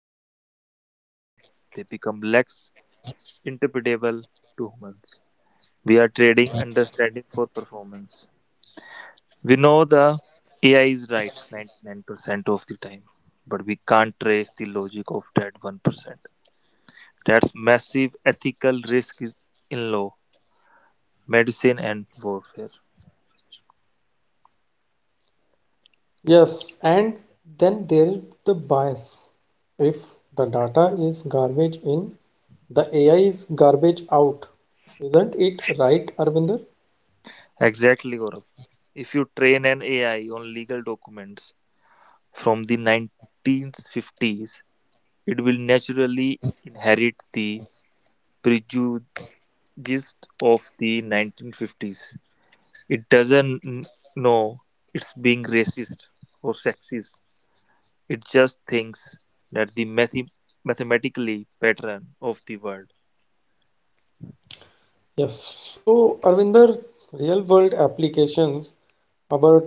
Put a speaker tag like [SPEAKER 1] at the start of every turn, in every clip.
[SPEAKER 1] models get smarter, they become less interpretable to humans. We are trading understanding for performance. We know the AI is right 99% of the time, but we can't trace the logic of that 1%. That's massive ethical risk is in law, medicine, and warfare.
[SPEAKER 2] Yes, and then there is the bias. If the data is garbage in, the AI is garbage out. Isn't it right, Arvinder?
[SPEAKER 1] Exactly, Gaurav. If you train an AI on legal documents from the 1950s, it will naturally inherit the prejudice of the 1950s. It doesn't know it's being racist or sexist. It just thinks that the mathematically pattern of the world.
[SPEAKER 2] Yes. So, Arvinder, real world applications, our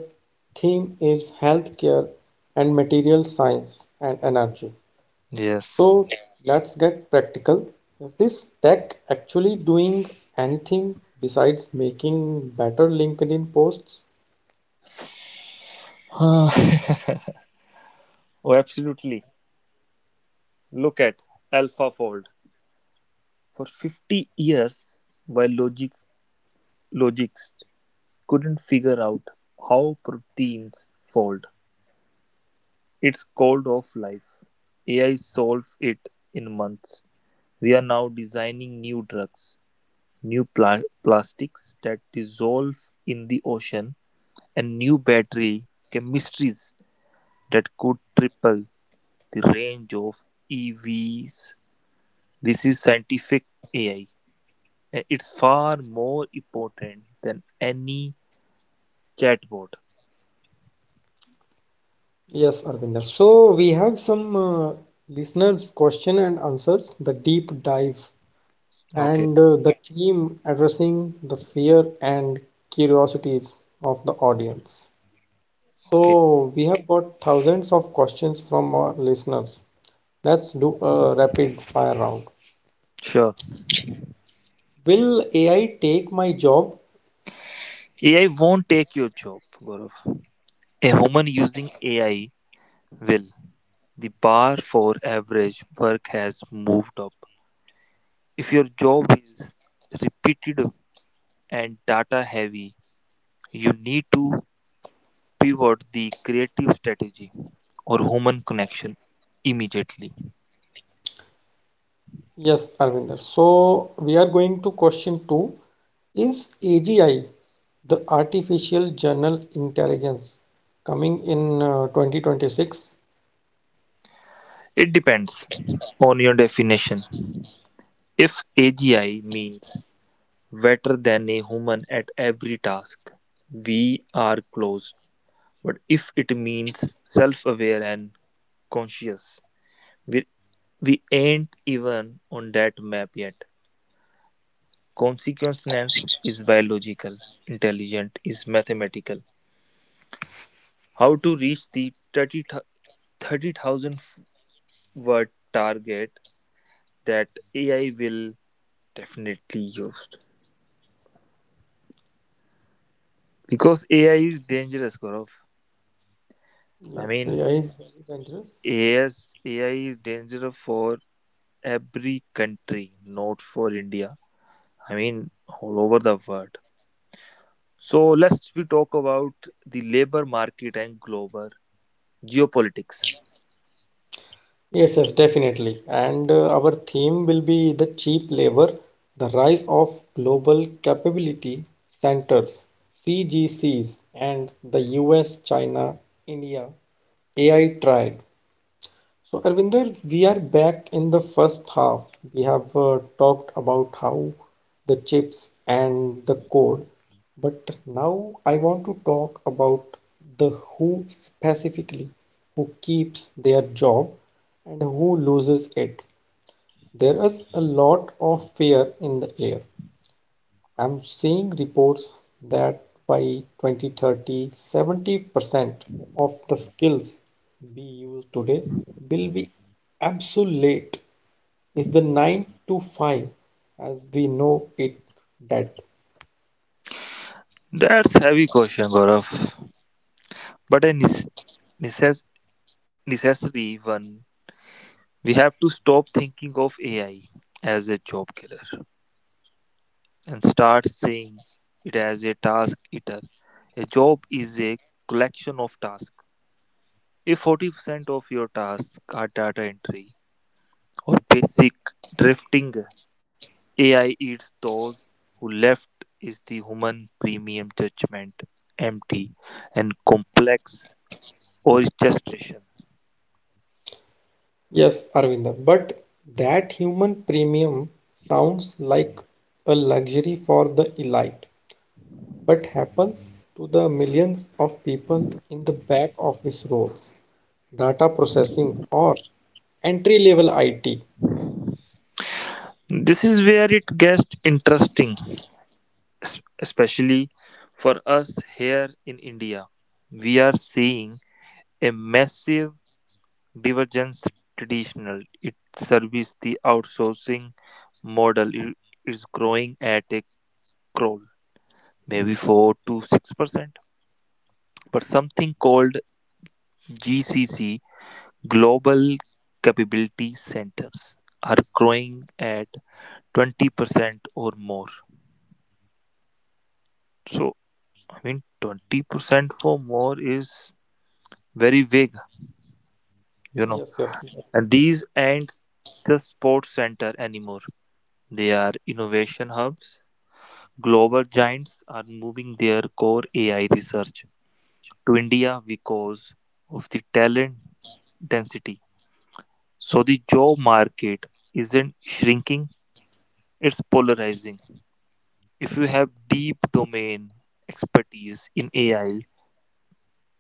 [SPEAKER 2] theme is healthcare and material science and energy.
[SPEAKER 1] Yes.
[SPEAKER 2] So, let's get practical. Is this tech actually doing anything besides making better LinkedIn posts?
[SPEAKER 1] Oh, absolutely. Look at AlphaFold. For 50 years, while logics couldn't figure out how proteins fold. It's called off life. AI solved it in months. We are now designing new drugs, new plastics that dissolve in the ocean, and new battery chemistries that could triple the range of EVs. This is scientific AI. And it's far more important than any chatbot.
[SPEAKER 2] Yes, Arvinder. So we have some listeners' question and answers, the deep dive,
[SPEAKER 1] Okay,
[SPEAKER 2] and the team addressing the fear and curiosities of the audience.
[SPEAKER 1] okay,
[SPEAKER 2] So we have got thousands of questions from our listeners. Let's do a rapid fire round.
[SPEAKER 1] sure.
[SPEAKER 2] Will AI take my job?
[SPEAKER 1] AI won't take your job, Gaurav. A human using AI will, the bar for average work has moved up. If your job is repetitive and data heavy, you need to pivot the creative strategy or human connection immediately.
[SPEAKER 2] Yes, Arvinder. So we are going to question two. Is AGI, the artificial general intelligence, coming in 2026?
[SPEAKER 1] It depends on your definition. If AGI means better than a human at every task, we are close. But if it means self aware and conscious, we're We ain't even on that map yet. Consequence is biological, intelligent is mathematical. How to reach the 30 30,000 word target that AI will definitely use. Because AI is dangerous, Gaurav. I
[SPEAKER 2] Yes,
[SPEAKER 1] mean,
[SPEAKER 2] AI is very dangerous.
[SPEAKER 1] AS, AI is dangerous for every country, not for India. I mean, all over the world. So let's we talk about the labor market and global geopolitics.
[SPEAKER 2] Yes, yes, definitely. And our theme will be the cheap labor, the rise of global capability centers, CGCs, and the US, China, India AI triad. So, Arvinder, we are back in the first half. We have talked about how the chips and the code, but now I want to talk about the who specifically, who keeps their job and who loses it. There is a lot of fear in the air. I'm seeing reports that by 2030, 70% of the skills we use today will be obsolete. Is the 9 to 5 as we know it dead?
[SPEAKER 1] That's heavy question, Gaurav. But a necess- necessary one. We have to stop thinking of AI as a job killer and start seeing it as a task eater. A job is a collection of tasks. If 40% of your tasks are data entry or basic drifting, AI eats those who left is the human premium judgment empty and complex orchestration.
[SPEAKER 2] Yes, Arvinda, but that human premium sounds like a luxury for the elite. What happens to the millions of people in the back office roles, data processing, or entry level IT?
[SPEAKER 1] This is where it gets interesting, especially for us here in India. We are seeing a massive divergence traditional. It service the outsourcing model is growing at a crawl, maybe 4 to 6%. But something called GCC, Global Capability Centers, are growing at 20% or more. So. I mean, 20% for more is very vague, you know.
[SPEAKER 2] Yes, yes.
[SPEAKER 1] And these aren't just sports center anymore. They are innovation hubs. Global giants are moving their core AI research to India because of the talent density. So the job market isn't shrinking, it's polarizing. If you have deep domain expertise in AI,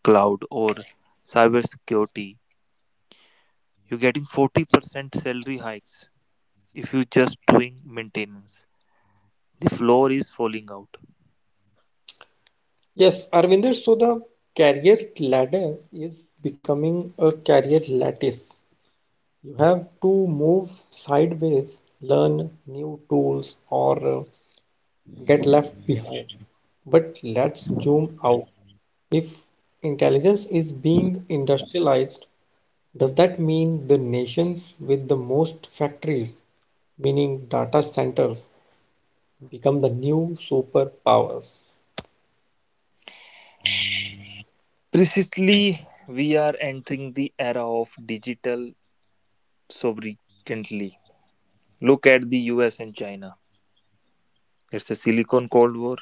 [SPEAKER 1] cloud, or cybersecurity, you're getting 40% salary hikes if you're just doing maintenance. The floor is falling out.
[SPEAKER 2] Yes, Arvinder, so the career ladder is becoming a career lattice. You have to move sideways, learn new tools, or get left behind. But let's zoom out. If intelligence is being industrialized, does that mean the nations with the most factories, meaning data centers, become the new superpowers?
[SPEAKER 1] Precisely, we are entering the era of digital sovereignty. Look at the US and China. It's a Silicon Cold War.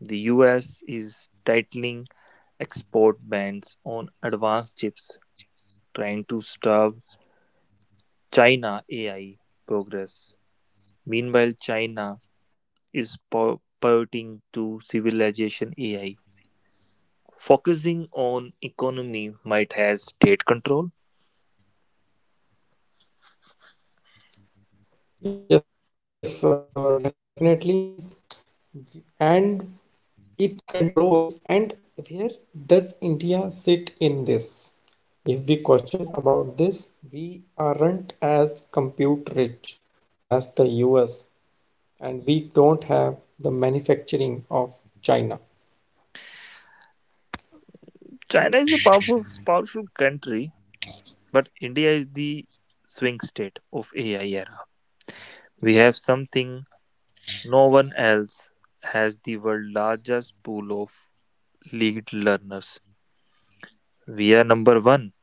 [SPEAKER 1] The US is tightening export bans on advanced chips, trying to starve China AI progress. Meanwhile, China is pivoting to civilization AI, focusing on economy might has state control.
[SPEAKER 2] Yes, definitely. And it controls and where does India sit in this? If we question about this, we aren't as compute rich as the US and we don't have the manufacturing of China,
[SPEAKER 1] China is a powerful powerful country, but India is the swing state of AI era. We have something no one else has the world largest pool of lead learners. We are number one.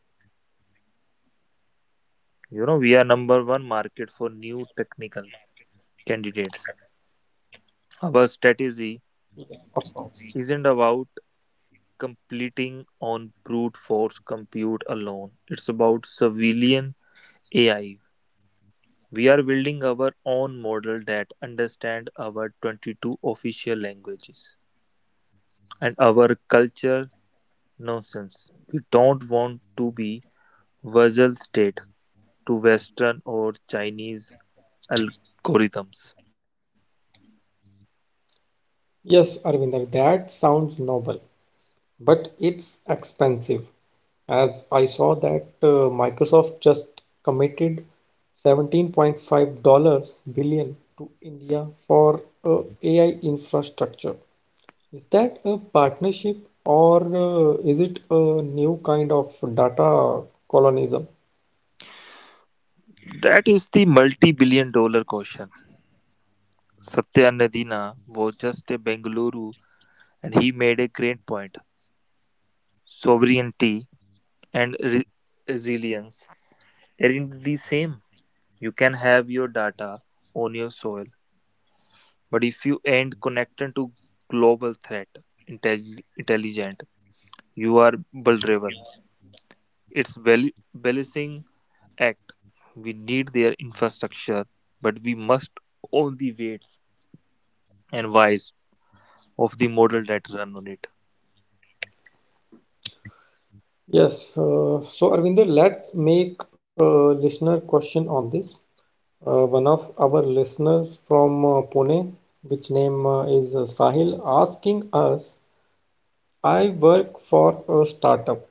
[SPEAKER 1] You know, we are number one market for new technical candidates. Our strategy
[SPEAKER 2] of course.
[SPEAKER 1] isn't about completing on brute force compute alone. It's about civilian AI. We are building our own model that understand our 22 official languages and our culture nonsense. We don't want to be vassal state to Western or Chinese algorithms.
[SPEAKER 2] Yes, Arvinder. That sounds noble. But it's expensive, as I saw that Microsoft just committed 17.5 dollars billion dollars to India for AI infrastructure. Is that a partnership or is it a new kind of data colonism?
[SPEAKER 1] That is the multi-billion dollar question. Satya Nadina was just a Bengaluru and he made a great point. Sovereignty and resilience aren't the same. You can have your data on your soil, but if you ain't connected to global threat intelligent, you are vulnerable. It's balancing act. We need their infrastructure, but we must own the weights and whys of the model that run on it.
[SPEAKER 2] Yes, so Arvinder, let's make a listener question on this. One of our listeners from Pune, which name is Sahil, asking us, I work for a startup.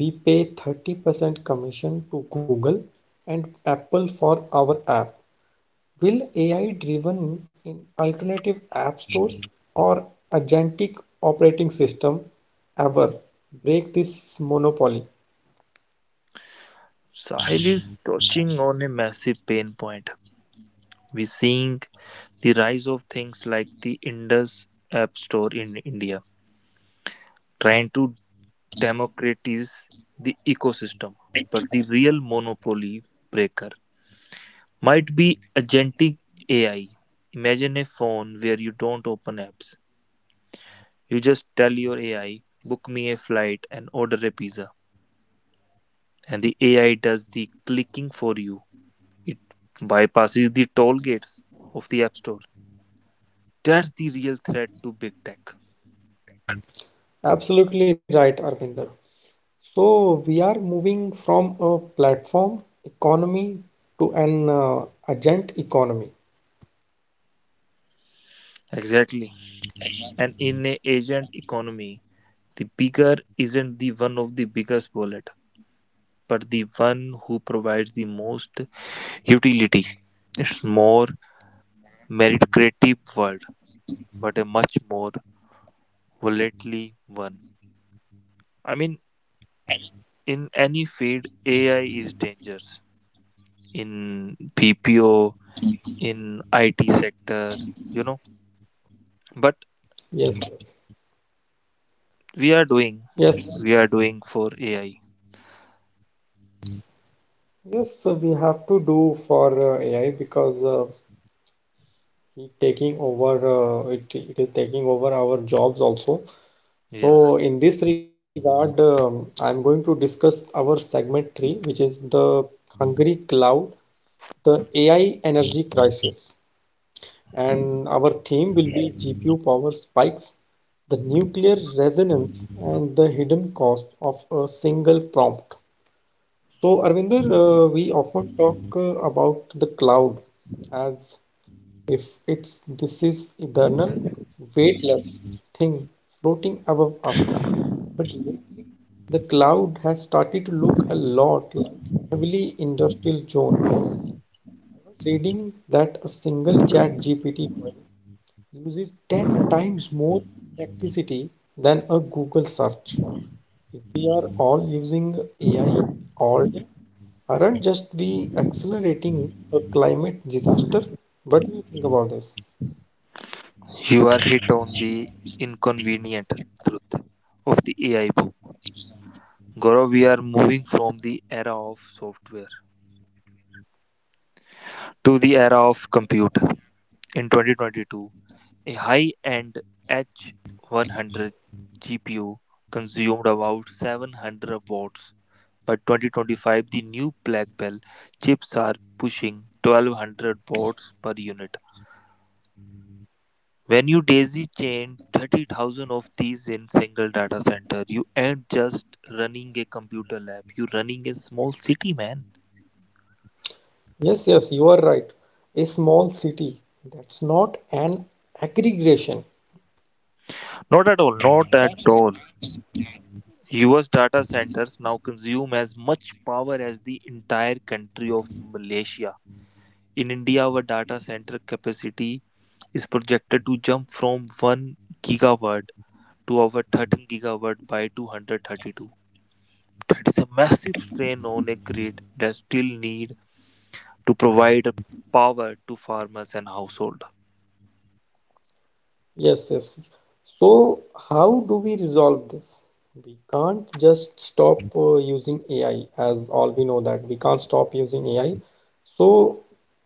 [SPEAKER 2] We pay 30% commission to Google and Apple for our app. Will AI driven in alternative app stores or agentic operating system ever break this monopoly?
[SPEAKER 1] Sahil is touching on a massive pain point. We're seeing the rise of things like the Indus App Store in India, trying to democratize the ecosystem, but the real monopoly breaker might be agentic AI. Imagine a phone where you don't open apps. You just tell your AI, book me a flight and order a pizza. And the AI does the clicking for you. It bypasses the toll gates of the App Store. That's the real threat to big tech.
[SPEAKER 2] Absolutely right, Arvinder. So we are moving from a platform economy to an agent economy.
[SPEAKER 1] Exactly. And in an agent economy, the bigger isn't the one of the biggest wallet, but the one who provides the most utility. It's more meritocratic world, but a much more volatile one. I mean, in any field, AI is dangerous. In PPO, in IT sector, you know. But
[SPEAKER 2] Yes, yes,
[SPEAKER 1] we are doing,
[SPEAKER 2] yes,
[SPEAKER 1] we are doing for AI.
[SPEAKER 2] yes. We have to do for AI because it taking over. It is taking over our jobs also.
[SPEAKER 1] Yes,
[SPEAKER 2] So in this regard, I'm going to discuss our segment three, which is the hungry cloud, the AI energy crisis. And our theme will be GPU power spikes, the nuclear resonance, and the hidden cost of a single prompt. So, Arvinder, we often talk about the cloud as if it's this is eternal, weightless thing floating above us. But lately, the cloud has started to look a lot like heavily industrial zone. I was reading that a single chat GPT uses 10 times more electricity than a Google search. If we are all using AI all day, aren't just we accelerating a climate disaster? What do you think about this?
[SPEAKER 1] you are hit on the inconvenient truth of the AI boom. Gaurav, we are moving from the era of software to the era of compute. In 2022, a high end H100 GPU consumed about 700 watts. By 2025, the new Blackwell chips are pushing 1200 watts per unit. When you daisy chain 30,000 of these in single data center, you ain't just running a computer lab. You're running a small city, man.
[SPEAKER 2] Yes, yes, you are right. A small city that's not an aggregation.
[SPEAKER 1] Not at all. Not at all. US data centers now consume as much power as the entire country of Malaysia. In India, our data center capacity is projected to jump from 1 gigawatt to over 13 gigawatt by 232. That is a massive strain on a grid that still need to provide power to farmers and household.
[SPEAKER 2] Yes, yes. So, how do we resolve this? We can't just stop using AI, as all we know that we can't stop using AI. So,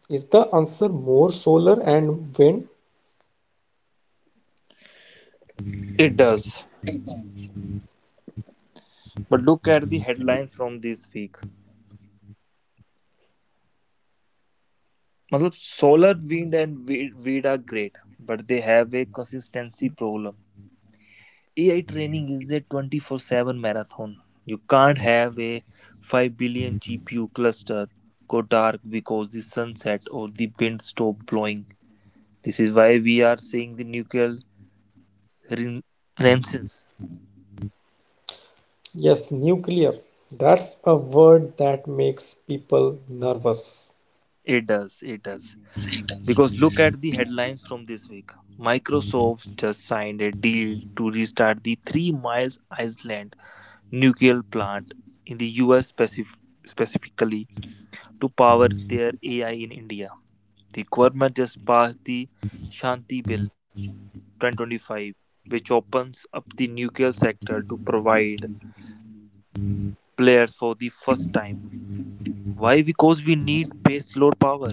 [SPEAKER 2] is the answer more solar and wind?
[SPEAKER 1] It does. But look at the headlines from this week. Matlab solar wind and wind are great, but they have a consistency problem. AI training is a 24/7 marathon. You can't have a 5 billion GPU cluster go dark because the sunset or the wind stop blowing. This is why we are seeing the nuclear ren- renaissance.
[SPEAKER 2] Yes, nuclear. That's a word that makes people nervous.
[SPEAKER 1] It does. It does. Because look at the headlines from this week. Microsoft just signed a deal to restart the 3 miles island nuclear plant in the US specifically to power their AI in India. The government just passed the Shanti Bill 2025, which opens up the nuclear sector to provide players for the first time. Why? Because we need baseload power,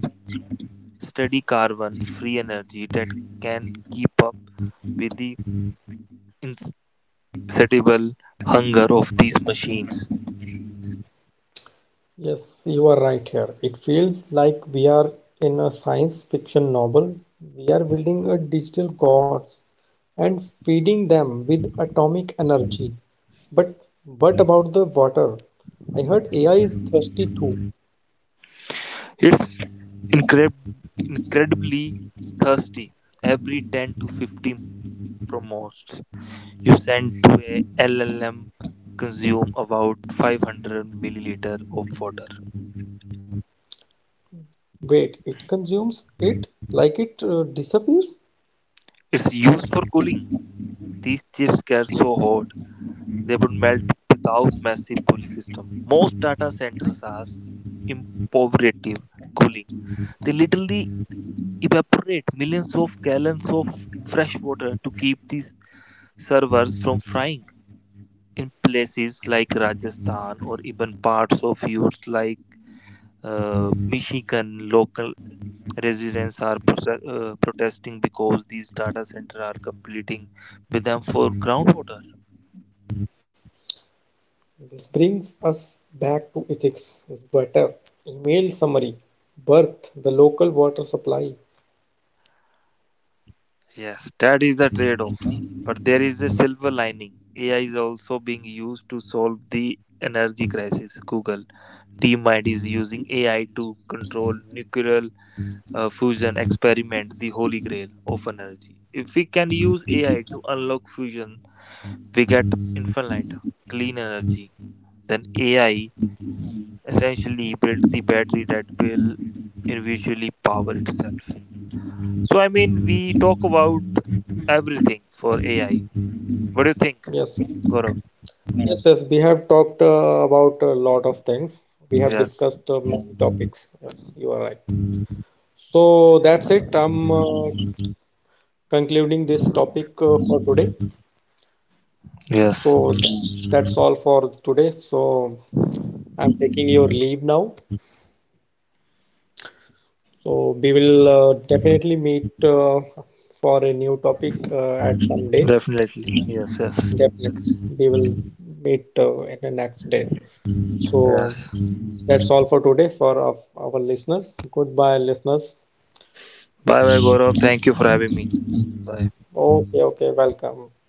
[SPEAKER 1] steady carbon free energy that can keep up with the insatiable hunger of these machines.
[SPEAKER 2] Yes, you are right here. It feels like we are in a science fiction novel. We are building a digital gods and feeding them with atomic energy. But what about the water? I heard AI is thirsty too.
[SPEAKER 1] It's incre- incredibly thirsty. Every 10 to 15 promotes you send to a LLM consume about 500 milliliter of water.
[SPEAKER 2] Wait, it consumes it like it disappears?
[SPEAKER 1] It's used for cooling. These chips get so hot they would melt without massive cooling system. Most data centers are imperative cooling. They literally evaporate millions of gallons of fresh water to keep these servers from frying. In places like Rajasthan or even parts of US like Michigan, local residents are protesting because these data centers are competing with them for groundwater.
[SPEAKER 2] This brings us back to ethics. Is better. Email summary. Birth, the local water supply.
[SPEAKER 1] Yes, that is the trade off. But there is a silver lining. AI is also being used to solve the energy crisis. Google DeepMind is using AI to control nuclear fusion experiment the holy grail of energy. If we can use AI to unlock fusion, we get infinite clean energy. Then AI essentially built the battery that will eventually power itself. So I mean we talk about everything for AI. What do you think,
[SPEAKER 2] Yes.
[SPEAKER 1] Gaurav?
[SPEAKER 2] Yes, yes, we have talked about a lot of things. We have
[SPEAKER 1] Yes,
[SPEAKER 2] discussed many topics. Yes, you are right. So that's it. I'm concluding this topic for today.
[SPEAKER 1] yes,
[SPEAKER 2] So that's all for today. So I'm taking your leave now. So we will definitely meet for a new topic at some day.
[SPEAKER 1] definitely. Yes, yes,
[SPEAKER 2] Definitely, we will meet in the next day. So
[SPEAKER 1] yes.
[SPEAKER 2] that's all for today for of our listeners. Goodbye, listeners.
[SPEAKER 1] Bye bye, Gaurav. Thank you for having me. Bye.
[SPEAKER 2] Okay, okay, welcome.